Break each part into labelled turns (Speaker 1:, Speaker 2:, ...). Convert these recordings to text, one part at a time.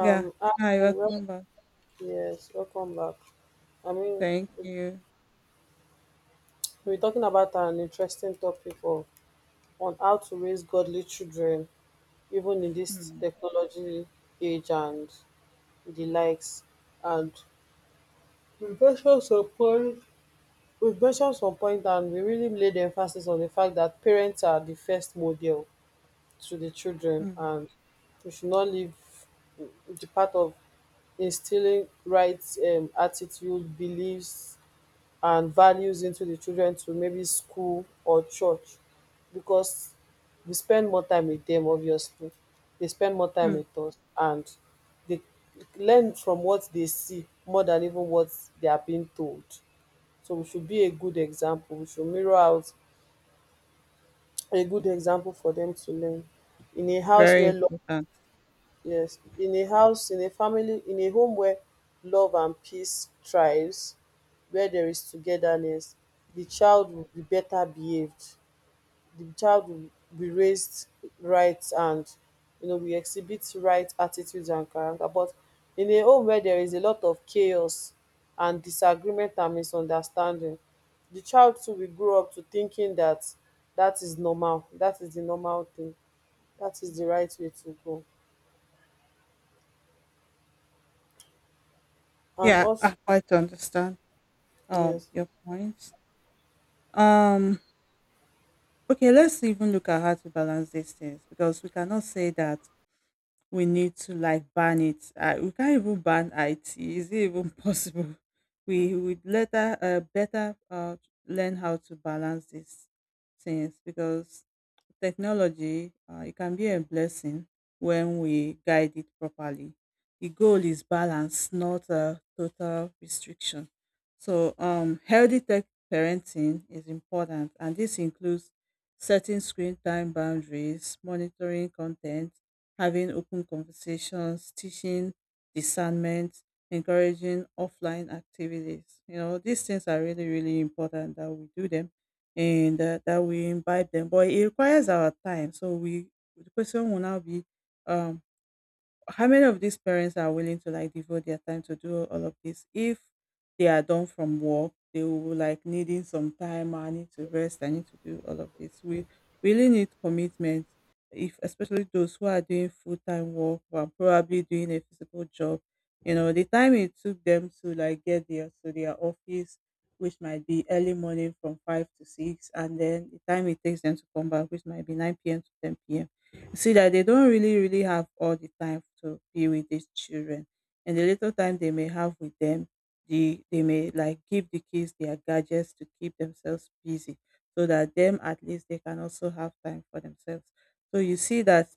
Speaker 1: Yeah.
Speaker 2: hi,
Speaker 1: Hi,
Speaker 2: well,
Speaker 1: welcome back.
Speaker 2: yes, welcome back. I mean,
Speaker 1: Thank
Speaker 2: it's-
Speaker 1: you.
Speaker 2: we're talking about an interesting topic of, on how to raise godly children, even in this
Speaker 1: Mm,
Speaker 2: technology age and the likes. And we mentioned some point, we mentioned some point, and we really laid emphasis on the fact that parents are the first model to the children,
Speaker 1: mm,
Speaker 2: and we should not leave the part of instilling right attitude, beliefs, and values into the children to maybe school or church, because we spend more time with them, obviously they spend more time
Speaker 1: mm.
Speaker 2: with us, and they learn from what they see more than even what they are being told. So we should be a good example, we should mirror out a good example for them to learn in a house where
Speaker 1: Very
Speaker 2: love.
Speaker 1: important.
Speaker 2: Yes, in a house, in a family, in a home where love and peace thrives, where there is togetherness, the child will be better behaved. The child will be raised right, and you know we exhibit right attitudes and character. But in a home where there is a lot of chaos and disagreement and misunderstanding, the child too will grow up to thinking that that is normal, that is the normal thing, that is the right way to go. And
Speaker 1: Yeah,
Speaker 2: also
Speaker 1: I quite understand
Speaker 2: yes.
Speaker 1: your point. Um, okay, let's even look at how to balance these things because we cannot say that we need to like ban it. We can't even ban IT. Is it even possible? We would later better learn how to balance these things because technology, it can be a blessing when we guide it properly. The goal is balance, not total restriction. So, healthy tech parenting is important, and this includes setting screen time boundaries, monitoring content, having open conversations, teaching discernment, encouraging offline activities. You know, these things are really, really important that we do them and that we invite them. But it requires our time. So we the question will now be um how many of these parents are willing to like devote their time to do all of this, if they are done from work they will like needing some time. "Ah, I need to rest. I need to do all of this." We really need commitment, if especially those who are doing full-time work or are probably doing a physical job. You know, the time it took them to like get there to their office, which might be early morning from 5 to 6, and then the time it takes them to come back, which might be 9 p.m. to 10 p.m. See that they don't really, really have all the time to be with these children, and the little time they may have with them, they may like give the kids their gadgets to keep themselves busy so that them at least they can also have time for themselves. So you see that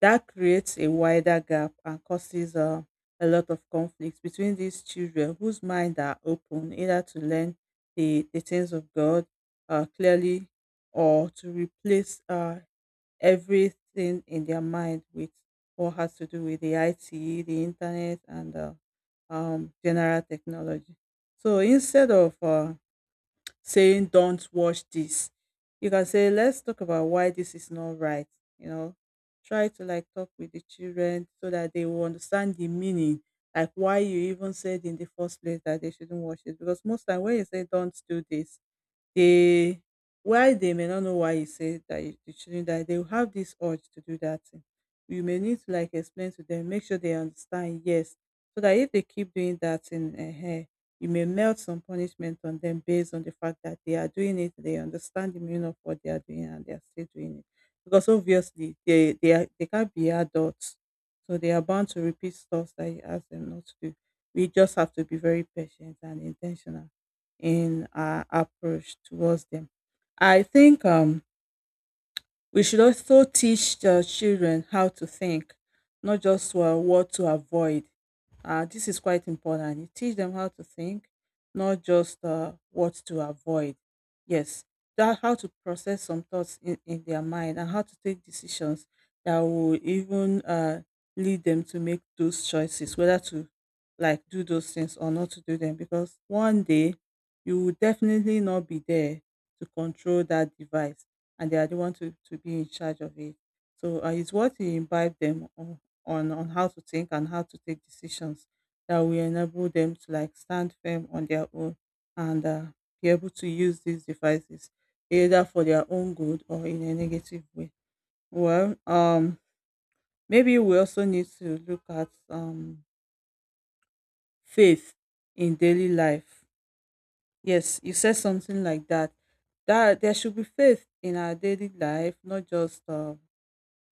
Speaker 1: that creates a wider gap and causes a lot of conflicts between these children whose mind are open either to learn the things of God, clearly, or to replace everything in their mind with what has to do with the IT, the internet, and general technology. So instead of saying don't watch this, you can say let's talk about why this is not right. You know, try to like talk with the children so that they will understand the meaning, like why you even said in the first place that they shouldn't watch it. Because most time when you say don't do this, they while they may not know why you say that you shouldn't, that they will have this urge to do that thing. You may need to like explain to them, make sure they understand, yes, so that if they keep doing that thing you may melt some punishment on them based on the fact that they are doing it, they understand the meaning of what they are doing and they are still doing it. Because obviously they can't be adults, so they are bound to repeat stuff that you ask them not to do. We just have to be very patient and intentional in our approach towards them. I think we should also teach the children how to think, not just what to avoid. This is quite important. You teach them how to think, not just what to avoid. Yes, that how to process some thoughts in their mind and how to take decisions that will even lead them to make those choices, whether to like do those things or not to do them. Because one day you will definitely not be there to control that device, and they are the ones to be in charge of it. So it's what we imbibe them on, on how to think and how to take decisions that will enable them to like stand firm on their own and be able to use these devices either for their own good or in a negative way. Well, maybe we also need to look at faith in daily life. Yes, you said something like that. That there should be faith in our daily life, not just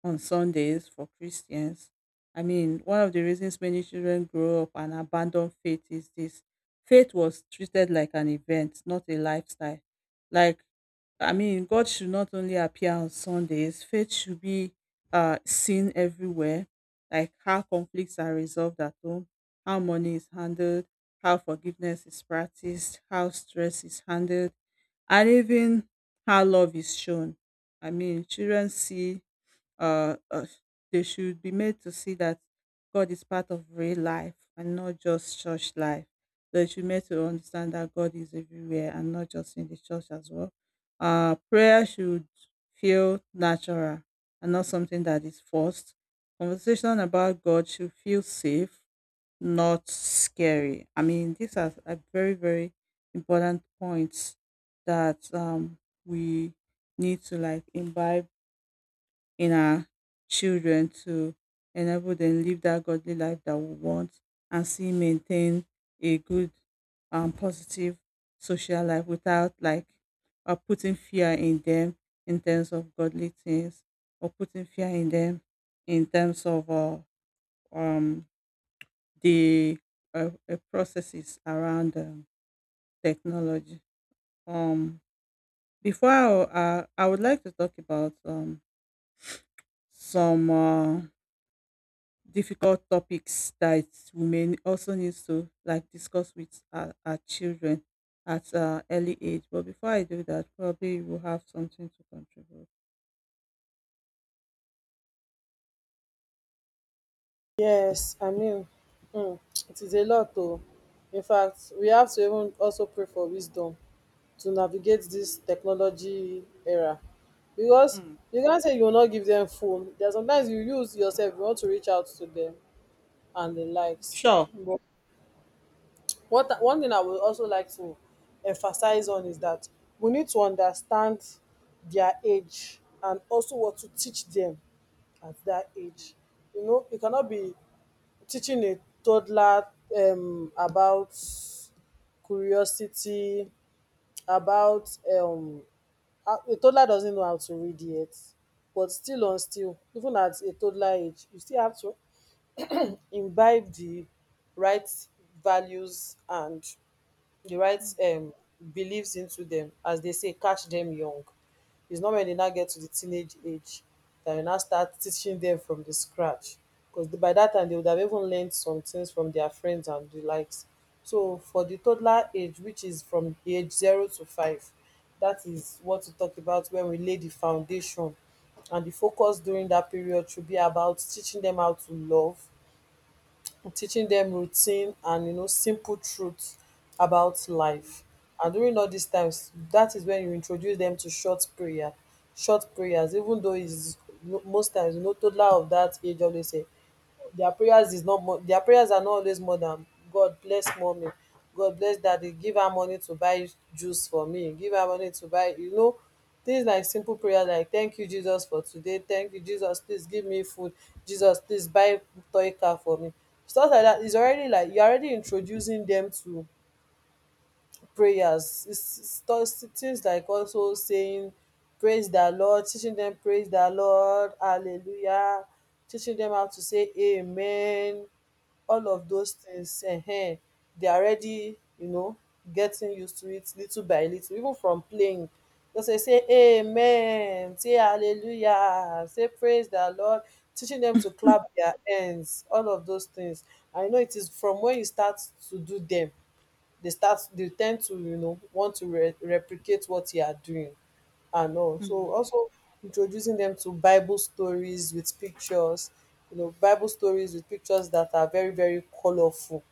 Speaker 1: on Sundays for Christians. I mean, one of the reasons many children grow up and abandon faith is this: faith was treated like an event, not a lifestyle. Like, I mean, God should not only appear on Sundays, faith should be seen everywhere, like how conflicts are resolved at home, how money is handled, how forgiveness is practiced, how stress is handled, and even how love is shown. I mean, children see uh, uh, they should be made to see that God is part of real life and not just church life. They should be made to understand that God is everywhere and not just in the church as well. Prayer should feel natural and not something that is forced. Conversation about God should feel safe, not scary. I mean, these are very, very important points that we need to like imbibe in our children to enable them live that godly life that we want and see maintain a good and positive social life without like putting fear in them in terms of godly things or putting fear in them in terms of um, the processes around technology. Um, Before I would like to talk about some difficult topics that we may also need to like discuss with our children at an early age. But before I do that, probably you will have something to contribute.
Speaker 2: Yes, I mean, mm, it is a lot though. In fact, we have to even also pray for wisdom to navigate this technology era. Because
Speaker 1: Mm,
Speaker 2: you can't say you will not give them phone. There are sometimes you use yourself, you want to reach out to them and the likes.
Speaker 1: sure.
Speaker 2: But one thing I would also like to emphasize on is that we need to understand their age and also what to teach them at that age. You know, it cannot be teaching a toddler about curiosity, about how a toddler doesn't know how to read yet, but still, even at a toddler age, you still have to imbibe the right values and the right
Speaker 1: Mm,
Speaker 2: beliefs into them, as they say, catch them young. It's not when they now get to the teenage age that you now start teaching them from the scratch. Because by that time they would have even learned some things from their friends and the likes. So for the toddler age, which is from age 0 to 5, that is what we talk about when we lay the foundation. And the focus during that period should be about teaching them how to love, teaching them routine, and you know simple truths about life. And during all these times, that is when you introduce them to short prayer, short prayers, even though it's most times, you know, toddler of that age always say their prayers are not always more than God bless mommy, God bless daddy, give her money to buy juice for me, give her money to buy, you know, things like simple prayers like thank you Jesus for today, thank you Jesus, please give me food, Jesus, please buy toy car for me. Stuff like that is already, like, you're already introducing them to prayers. It's those things, like also saying praise the Lord, teaching them praise the Lord, hallelujah, teaching them how to say amen, all of those things, they are already um getting used to it little by little, even from playing, they'll say, say amen, say hallelujah, say praise the Lord, teaching them to clap their hands, all of those things. I know it is from when you start to do them, they start, they tend to, you know, want to replicate what you are doing, and all.
Speaker 1: mm,
Speaker 2: So also introducing them to Bible stories with pictures, you know, Bible stories with pictures that are very, very colorful,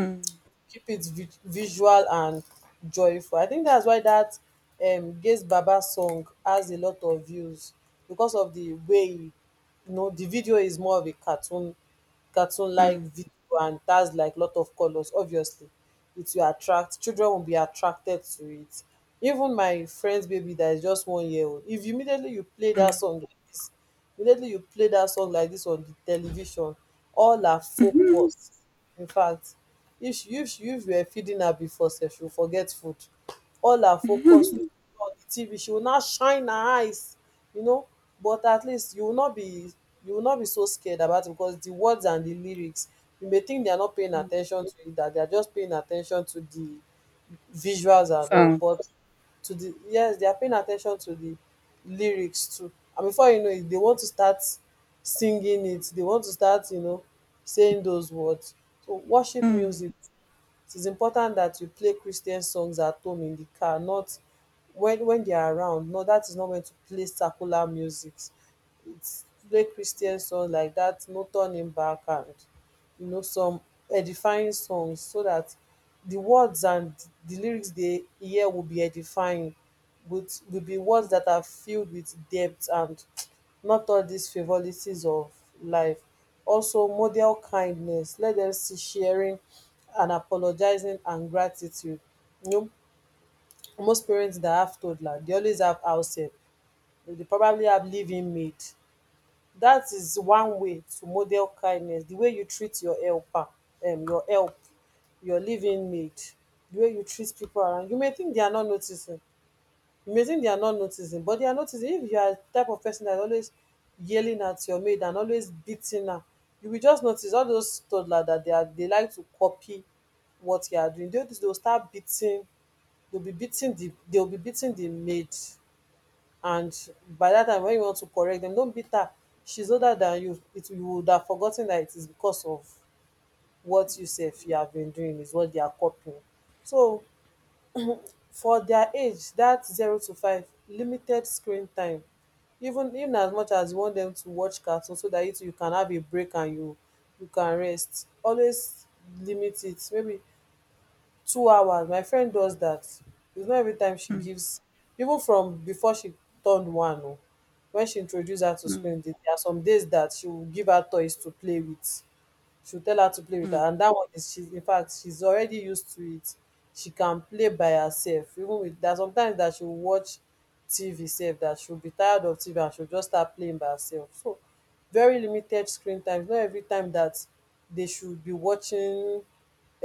Speaker 1: mm,
Speaker 2: keep it visual and joyful. I think that's why that gaze baba song has a lot of views, because of the way, you know, the video is more of a cartoon like
Speaker 1: mm,
Speaker 2: video, and that's like lot of colors, obviously it will attract, children will be attracted to it. Even my friend's baby that is just 1-year old, if
Speaker 1: mm,
Speaker 2: immediately you play that song like this on the television, all are
Speaker 1: mm,
Speaker 2: focused. In fact, if you were feeding her before sef, she will forget food, all her focus will on the TV, she will now shine her eyes, you know. But at least you will not be, so scared about it, because the words and the lyrics, you may think they are not paying
Speaker 1: Mm.
Speaker 2: attention to it, that they are just paying attention to the visuals and all.
Speaker 1: So.
Speaker 2: But to the yes, they are paying attention to the lyrics too. And before you know it, they want to start singing it. They want to start, you know, saying those words. So worship
Speaker 1: Mm,
Speaker 2: music, it is important that you play Christian songs at home, in the car, not when they are around. No, that is not when to play secular music. It's play Christian songs like that, no turning back, and you know some edifying songs, so that the words and the lyrics they hear will be edifying, with will
Speaker 1: mm,
Speaker 2: be words that are filled with depth, and not all these frivolities of life. Also model kindness, let them see sharing and apologizing and gratitude, you know. Most parents that have toddler, they always have house help, dey probably have living in maid. That is one way to model kindness, the way you treat your helper, your help, your living in maid, the way you treat people around, you may think they are not noticing, you may think they are not noticing, but they are noticing. If you are the type of person that is always yelling at your maid and always beating her, you will just notice all those toddler, that they like to copy what you are doing. They'll start beating, they'll be beating the maid. And by that time when you want to correct them, don't beat her. She's older than you. It You would have forgotten that it is because of what you say you have been doing is what they are copying. So for dia age dat 0 to 5, limited screen time. Even as much as you want dem to watch cartoon, so dat you too you can have a break, and you can rest, always limit it maybe 2 hours. My friend does dat, its not every time she
Speaker 1: mm,
Speaker 2: gives, even from before she turn one oo, wen she introduce her to
Speaker 1: mm,
Speaker 2: screen, there are some days dat she will give her toys to play with, she'll tell her to play with her, and that one is, she's, in fact, she's already used to it, she can play by herself. Even with that, sometimes that she'll watch tv sef, that she'll be tired of tv, and she'll just start playing by herself. So very limited screen time, not every time that they should be watching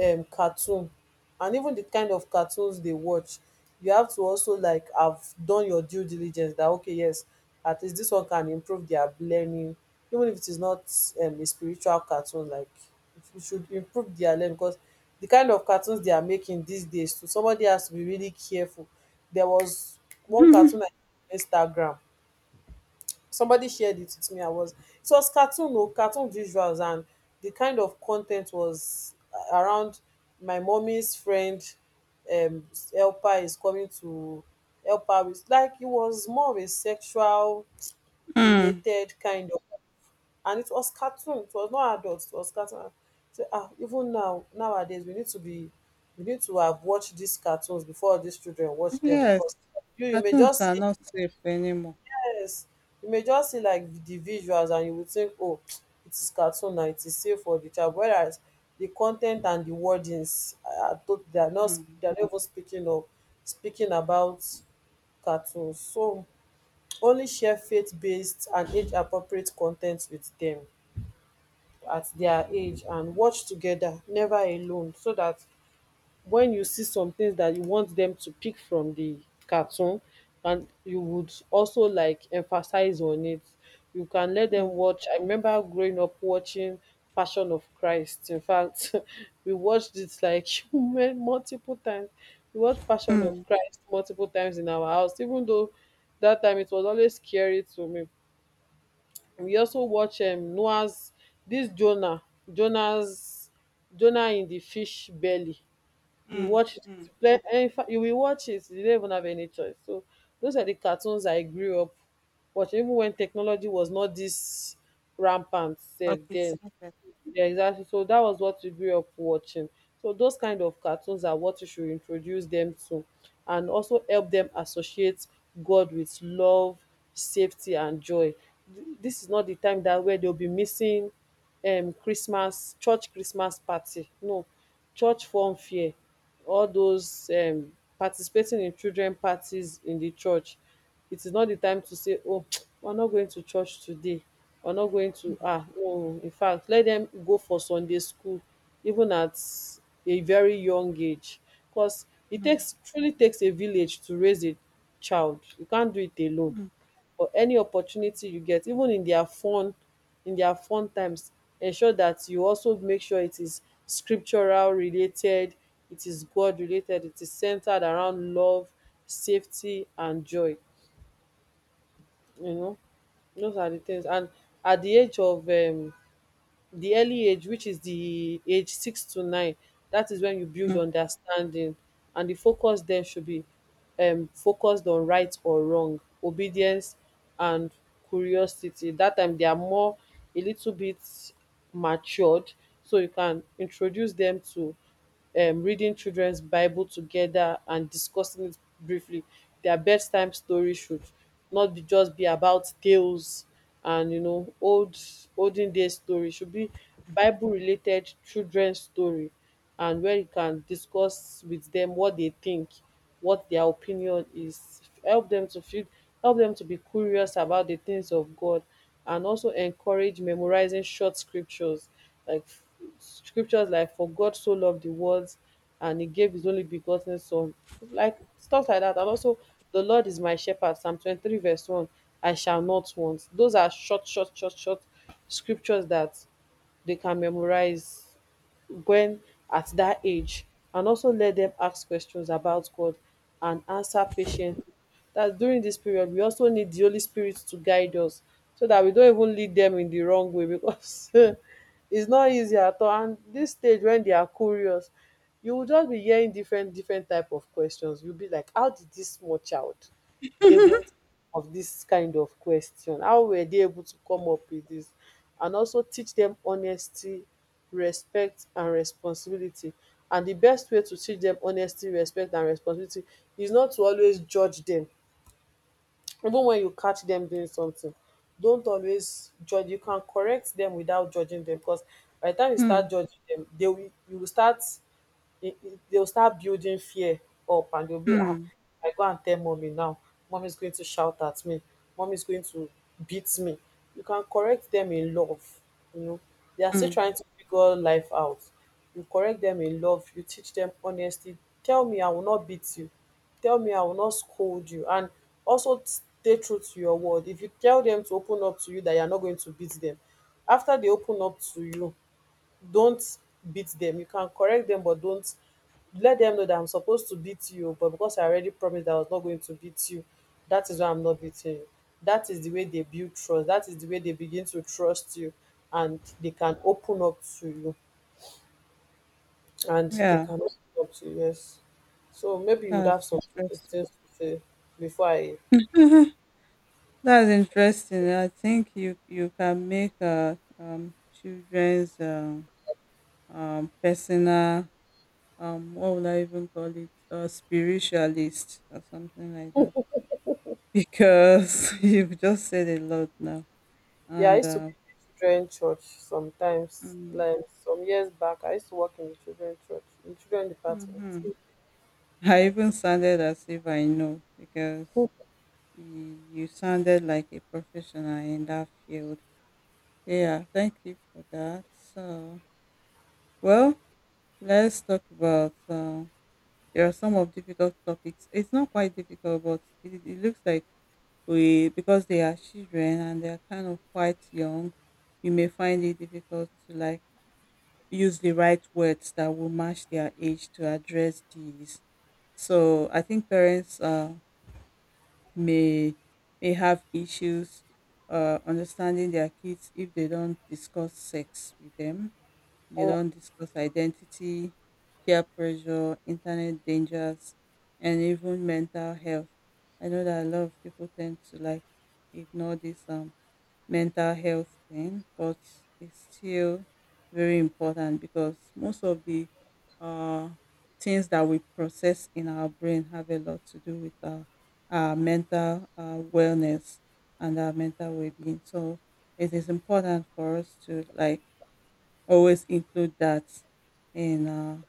Speaker 2: cartoon. And even the kind of cartoons they watch, you have to also, like, have done your due diligence, that okay, yes, at least this one can improve their learning, even if it is not, a spiritual cartoon, like, it should improve their learning, because the kind of cartoons they are making these days, so somebody has to be really careful. There was one
Speaker 1: mm.
Speaker 2: cartoon I saw on Instagram, somebody shared it with me. I was It was cartoon, no, cartoon visuals, and the kind of content was around my mommy's friend. Um, Helper is coming to help her with, like, it was more of a sexual
Speaker 1: Mm.
Speaker 2: related kind of, and it was cartoon. It was not adult. It was cartoon. So, ah, even now, nowadays we need to be, we need to have watched these cartoons before these children watch them,
Speaker 1: Yes,
Speaker 2: because you may
Speaker 1: cartoons are
Speaker 2: just
Speaker 1: not safe anymore.
Speaker 2: yes, you may just see like the visuals and you will think, oh it is cartoon, now it is safe for the child, whereas the content and the wordings, are tot they are not,
Speaker 1: Mm,
Speaker 2: they are not even speaking about cartoons. So only share faith-based and age-appropriate con with them at their age, and watch together, never alone, so that when you see some things that you want them to pick from the cartoon, and you would also like emphasize on it, you can let them
Speaker 1: mm,
Speaker 2: watch. I remember growing up watching Passion of Christ, in fact we watched it like multiple times. We watched Passion of
Speaker 1: mm.
Speaker 2: Christ multiple times in our house, even though that time it was always scary to me. We also watch Noah's, this jonah's Jonah in the fish belly, we
Speaker 1: Mm,
Speaker 2: watch it.
Speaker 1: mm.
Speaker 2: But in fact, you will watch it. You don't even have any choice. So those are the cartoons I grew up watching, even when technology was not this rampant, safe
Speaker 1: Okay,
Speaker 2: then.
Speaker 1: skip it.
Speaker 2: Yeah, exactly. So that was what we grew up watching. So those kind of cartoons are what you should introduce them to, and also help them associate God with love, safety, and joy. This is not the time that where they'll be missing Christmas, church Christmas party. No, church form fair. All those participating in children parties in the church. It is not the time to say, oh, we're not going to church today or not going to, no, in fact, let them go for Sunday school even at a very young age, because it
Speaker 1: Mm,
Speaker 2: takes truly takes a village to raise a child. You can't do it alone.
Speaker 1: mm,
Speaker 2: Or any opportunity you get, even in their fun, in their fun times, ensure that you also make sure it is scriptural related, it is God related, it is centered around love, safety, and joy, you know. Those are the things. And at the age of the early age, which is the age 6 to 9, that is when you build
Speaker 1: mm.
Speaker 2: understanding, and the focus then should be focused on right or wrong, obedience, and curiosity. That time they are more, a little bit, matured, so you can introduce them to, reading childrens bible together and discussing it briefly. Their bedtime story should not be just be about tales and, you know, olden days story. It should be bible related children's story, and where you can discuss with them what they think, what their opinion is. Help them to feel, help them to be curious about the things of God, and also encourage memorizing short scriptures like scriptures like, For God so loved the world and he gave his only begotten son, like stuff like that. And also, The Lord is my shepherd, psalm 23 verse 1, I shall not want. Those are short, scriptures that they can memorize when, at that age. And also let them ask questions about God and answer patiently, that during this period. We also need the Holy Spirit to guide us so that we don't even lead them in the wrong way, because it's not easy at all. And this stage, when they are curious, you will just be hearing different type of questions. You'll be like, how did this small child haven of dis kind of question? How were dey able to come up wit dis? And also teach dem honesty, respect, and responsibility. And di best way to teach dem honesty, respect, and responsibility is not to always judge dem. Even wen you catch dem doing something, don't always judge. You can correct dem without judging dem, cos by di time you start
Speaker 1: Mm,
Speaker 2: judging dem, dey will you will start they'll start building fear up, and they'll be
Speaker 1: mm,
Speaker 2: I go and tell mommy now, mommy's going to shout at me, mommy's going to beat me. You can correct them in love, you know. They are still
Speaker 1: mm.
Speaker 2: trying to figure life out. You correct them in love, you teach them honesty. Tell me, I will not beat you, tell me, I will not scold you. And also stay true to your word. If you tell them to open up to you that you are not going to beat them, after they open up to you, don't beat them. You can correct them, but don't let them know that, I'm supposed to beat you, but because I already promised that I was not going to beat you, that is why I'm not beating you. That is the way they build trust. That is the way they begin to trust you and they can open up to you. And they
Speaker 1: Yeah,
Speaker 2: can open up to you, yes. So maybe you would
Speaker 1: that's
Speaker 2: have some
Speaker 1: interesting.
Speaker 2: things to say before I.
Speaker 1: That's interesting. I think you can make children's personal what would I even call it, a spiritualist or something like that, because you've just said a lot now
Speaker 2: Yeah, I
Speaker 1: and
Speaker 2: used to be in the children church sometimes.
Speaker 1: mm,
Speaker 2: Like some years back I used to work in the children church, in the children department.
Speaker 1: hmm. I
Speaker 2: So.
Speaker 1: even sounded as if I know because you sounded like a professional in that field. Yeah, thank you for that. So, well, let's talk about there are some of difficult topics. It's not quite difficult, but it looks like we because they are children and they are kind of quite young, we may find it difficult to like use the right words that will match their age to address these. So, I think parents may have issues understanding their kids if they don't discuss sex with them. They don't discuss identity, peer pressure, internet dangers, and even mental health. I know that a lot of people tend to like ignore this mental health thing, but it's still very important because most of the uh things that we process in our brain have a lot to do with our mental wellness and our mental well-being. So it is important for us to like always include that in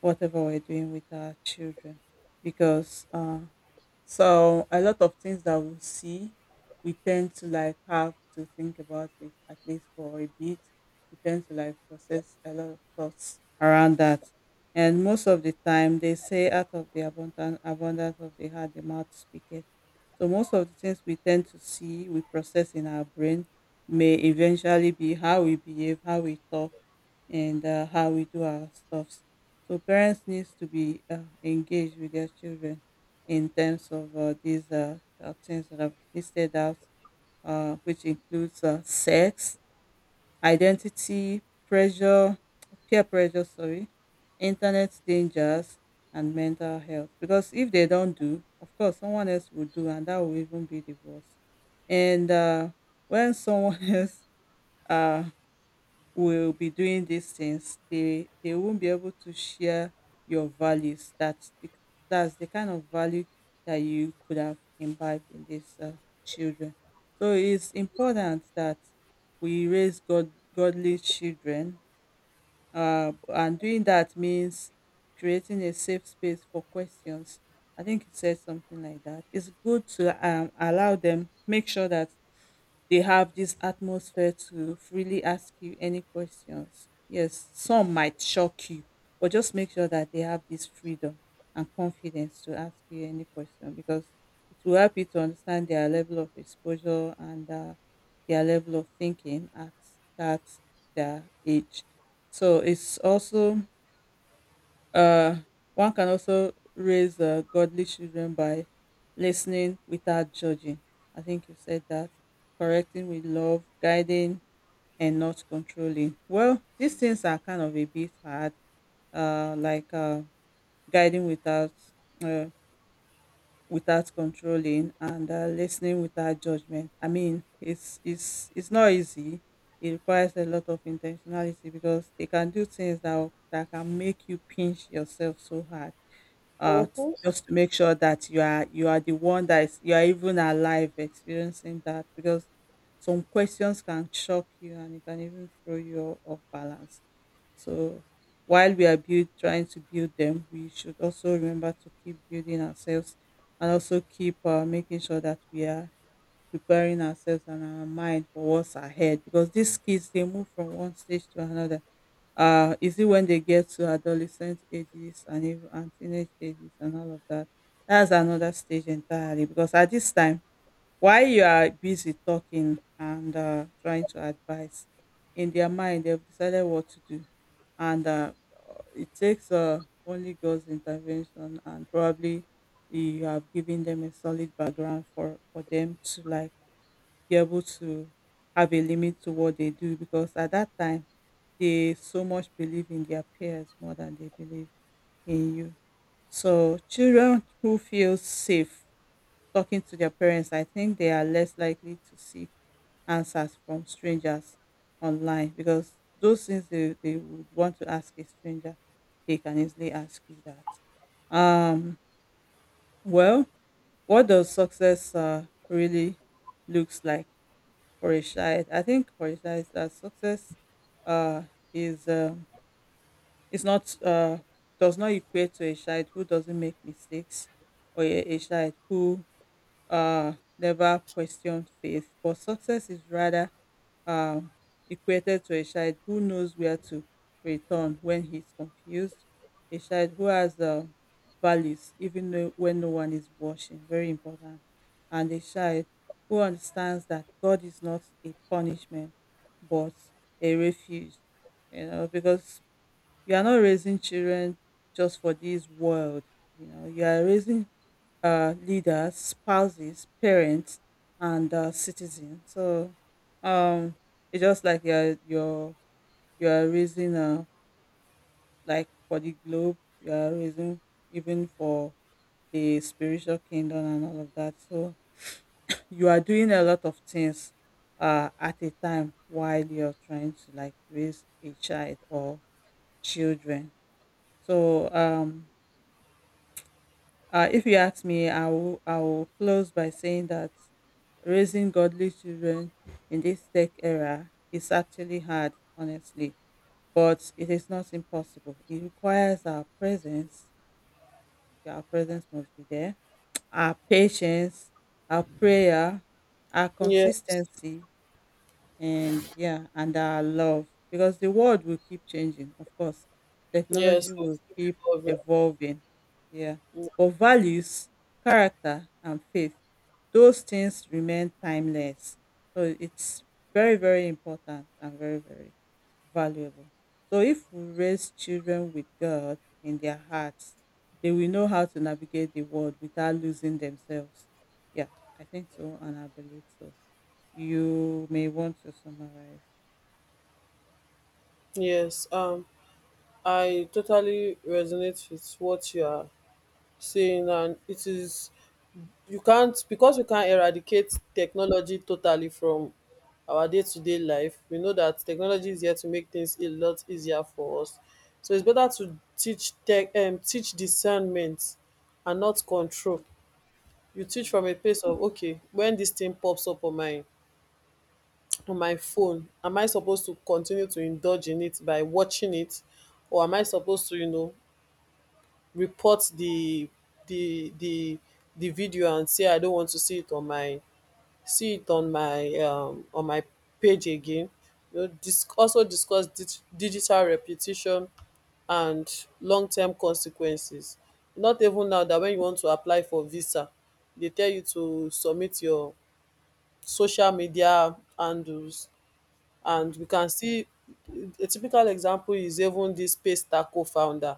Speaker 1: whatever we're doing with our children, because so a lot of things that we see, we tend to like have to think about it at least for a bit. We tend to like process a lot of thoughts around that. And most of the time they say out of the abundant abundance of the heart, the mouth speaketh. So most of the things we tend to see, we process in our brain may eventually be how we behave, how we talk, and how we do our stuffs. So parents needs to be engaged with their children in terms of these things that I've listed out, which includes sex, identity, pressure, peer pressure, sorry, internet dangers, and mental health. Because if they don't do, of course, someone else will do, and that will even be the worst. And when someone else uh, will be doing these things, they won't be able to share your values. That's that's the kind of value that you could have imbibed in these children. So it's important that we raise godly children, and doing that means creating a safe space for questions. I think you said something like that. It's good to allow them, make sure that they have this atmosphere to freely ask you any questions. Yes, some might shock you, but just make sure that they have this freedom and confidence to ask you any question, because it will help you to understand their level of exposure and their level of thinking at that their age. So it's also, uh, one can also raise godly children by listening without judging. I think you said that, correcting with love, guiding, and not controlling. Well, these things are kind of a bit hard, uh, like uh, guiding without uh, without controlling and listening without judgment. I mean, it's not easy. It requires a lot of intentionality because they can do things that can make you pinch yourself so hard,
Speaker 2: Mm-hmm.
Speaker 1: just to make sure that you are the one that is you are even alive experiencing that because some questions can shock you and it can even throw you off balance. So while we are build trying to build them, we should also remember to keep building ourselves and also keep making sure that we are preparing ourselves and our mind for what's ahead, because these kids, they move from one stage to another. Is it when they get to adolescent ages and even and teenage ages and all of that? That's another stage entirely, because at this time, while you are busy talking and trying to advise, in their mind they've decided what to do, and it takes only God's intervention, and probably you have given them a solid background for them to like be able to have a limit to what they do, because at that time they so much believe in their peers more than they believe in you. So children who feel safe talking to their parents, I think they are less likely to seek answers from strangers online, because those things they would want to ask a stranger, they can easily ask you that. Um, well, what does success really looks like for a child? I think for a child is that success uh, is um, is not does not equate to a child who doesn't make mistakes or a child who never questioned faith, but success is rather um, equated to a child who knows where to return when he's confused, a child who has values even though- when no one is watching, very important, and a child who understands that God is not a punishment but a refuge, you know, because you are not raising children just for this world, you know, you are raising leaders, spouses, parents, and citizens. So um, it's just like you're raising like for the globe. You're raising even for the spiritual kingdom and all of that. So you are doing a lot of things at a time while you're trying to like raise a child or children. So if you ask me, I will close by saying that raising godly children in this tech era is actually hard, honestly, but it is not impossible. It requires our presence. Our presence must be there, our patience, our prayer, our
Speaker 2: Yes,
Speaker 1: consistency, and yeah, and our love, because the world will keep changing, of course.
Speaker 2: yes,
Speaker 1: Technology will
Speaker 2: yes, the
Speaker 1: keep
Speaker 2: people of it.
Speaker 1: evolving. Yeah.
Speaker 2: Mm,
Speaker 1: But values, character, and faith, those things remain timeless. So it's very, very important and very, very valuable. So if we raise children with God in their hearts, they will know how to navigate the world without losing themselves. Yeah, I think so, and I believe so. You may want to summarize.
Speaker 2: yes. I totally resonate with what you are saying, and it is, you can't, because you can't eradicate technology totally from our day-to-day life. We know that technology is here to make things a lot easier for us, so it's better to teach tech, teach discernment and not control.
Speaker 1: Mm,
Speaker 2: You teach
Speaker 1: mm,
Speaker 2: from a place of, okay, when this thing pops up on my phone, am I supposed to continue to indulge in it by watching it, or am I supposed to, you know, report the the the the video and say, I don't want to see it on my on my page again. You know, dis also discuss digital repetition and long term consequences. Not even now that, when you want to apply for visa, dey tell you to submit your social media handles. And we can see, a typical example is even this Space Taco founder,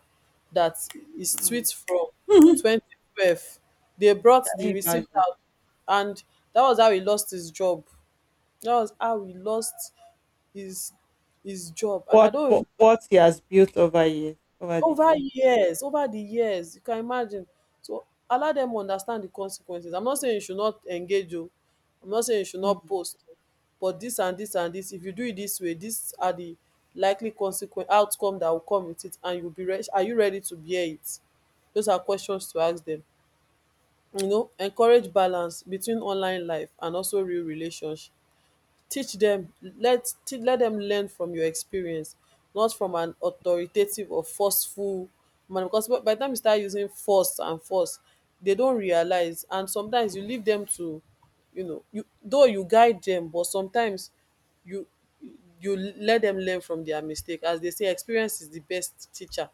Speaker 2: that his
Speaker 1: mm, mm.
Speaker 2: tweet from
Speaker 1: Can
Speaker 2: 2012, they brought the
Speaker 1: you
Speaker 2: receipt
Speaker 1: imagine
Speaker 2: out, and that was how he lost his job. That was how he lost his job. And I
Speaker 1: what,
Speaker 2: don't even.
Speaker 1: what he has built over years, over the
Speaker 2: Over
Speaker 1: years?
Speaker 2: years, over the years, you can imagine. So allow dem understand the consequences. I'm not saying you should not engage, oh, I'm not saying you should not
Speaker 1: Mm.
Speaker 2: post, oh, but dis and dis and dis, if you do it dis way, dis are the likely consequen outcome that will come with it, and you'll be rea are you ready to bear it? Those are questions to ask dem. You know, encourage balance between online life and also real relationship. Teach dem, let dem learn from your experience, not from an authoritative or forceful man. Because by the time you start using force, they don realize. And sometimes you leave dem to, you know, you though you guide dem, but sometimes you, you let dem learn from their mistake. As they say, experience is the best teacher.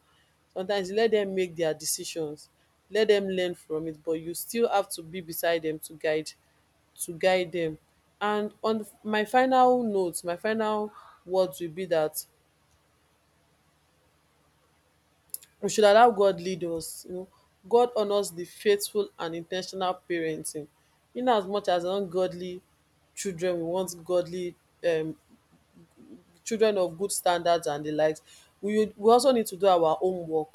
Speaker 2: Sometimes you let dem make their decisions, let dem learn from it, but you still have to be beside dem to guide, to guide them. And on the, my final note, my final words will be that we should allow God lead us, you know. God honours the faithful and intentional parenting. In as much as ungodly children, we want godly um children of good standards and the likes, we also need to do our own work.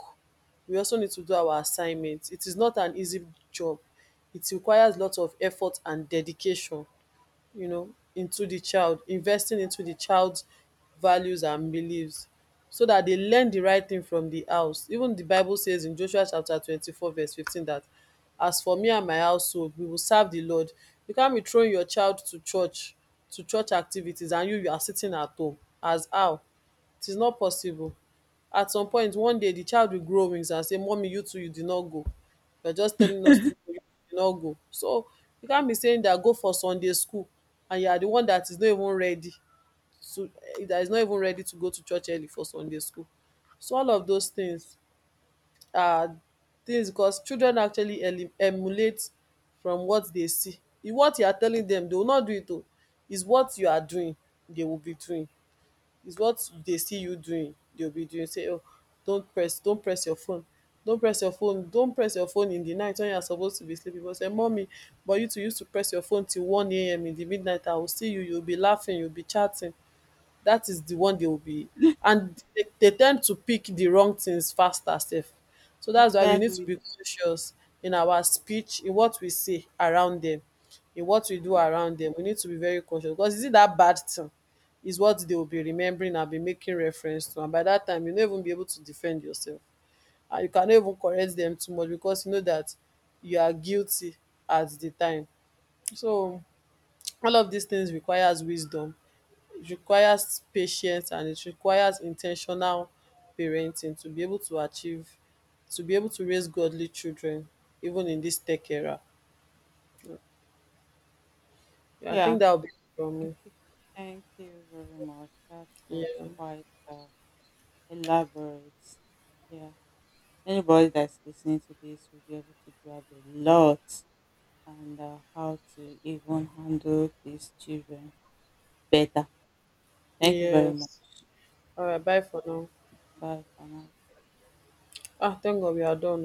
Speaker 2: We also need to do our assignments. It is not an easy job. It requires lots of effort and dedication, you know, into the child investing into the child's values and beliefs, so that they learn the right thing from the house. Even the bible says in Joshua chapter 24 verse 15 that, As for me and my household, we will serve the Lord. You can't be throwing your child to church, activities, and you are sitting at home, as how? It is not possible. At some point, one day, the child will grow wings and say, mommy, you too, you did not go, you're just telling us to go, you did not go. So you can't be saying that, go for Sunday school, and you are the one that is not even ready to, that is not even ready to go to church early for Sunday school. So all of those things are things, because children actually emulate from what they see. If what you are telling them, they will not do it, oh. It's what you are doing they will be doing, is what they see you doing they'll be doing. Say, oh, don't press don't press your phone don't press your phone, don't press your phone in the night when you're supposed to be sleeping. But say, mommy, but you too used to press your phone till 1 a.m. in the midnight, I will see you, you'll be laughing, you'll be chatting. That is the one they will be, and they tend to pick the wrong things faster sef. So that's why we need to
Speaker 1: Exactly.
Speaker 2: be conscious in our speech, in what we say around them, in what we do
Speaker 1: Mm.
Speaker 2: around them. We need to be very conscious, because is it that bad thing is what they will be remembering and be making reference to, and by that time you no even be able to defend yourself, and you cannot even correct them too much, because you know that you are guilty at the time. So all of these things requires wisdom, requires patience, and it requires in ten tional parenting, to be able to achieve, to be able to raise godly children even in this tech era. Yeah, I think
Speaker 1: Yeah.
Speaker 2: that will be it from me.
Speaker 1: Okay. Thank you very much. That was
Speaker 2: Yeah.
Speaker 1: quite elaborate. Yeah. Anybody that's listening to this will be able to grab a lot and how to even handle these children better. Thank you very much.
Speaker 2: Yes. All right,
Speaker 1: Yeah.
Speaker 2: bye for now.
Speaker 1: Bye for now.
Speaker 2: Ah, thank God we are done.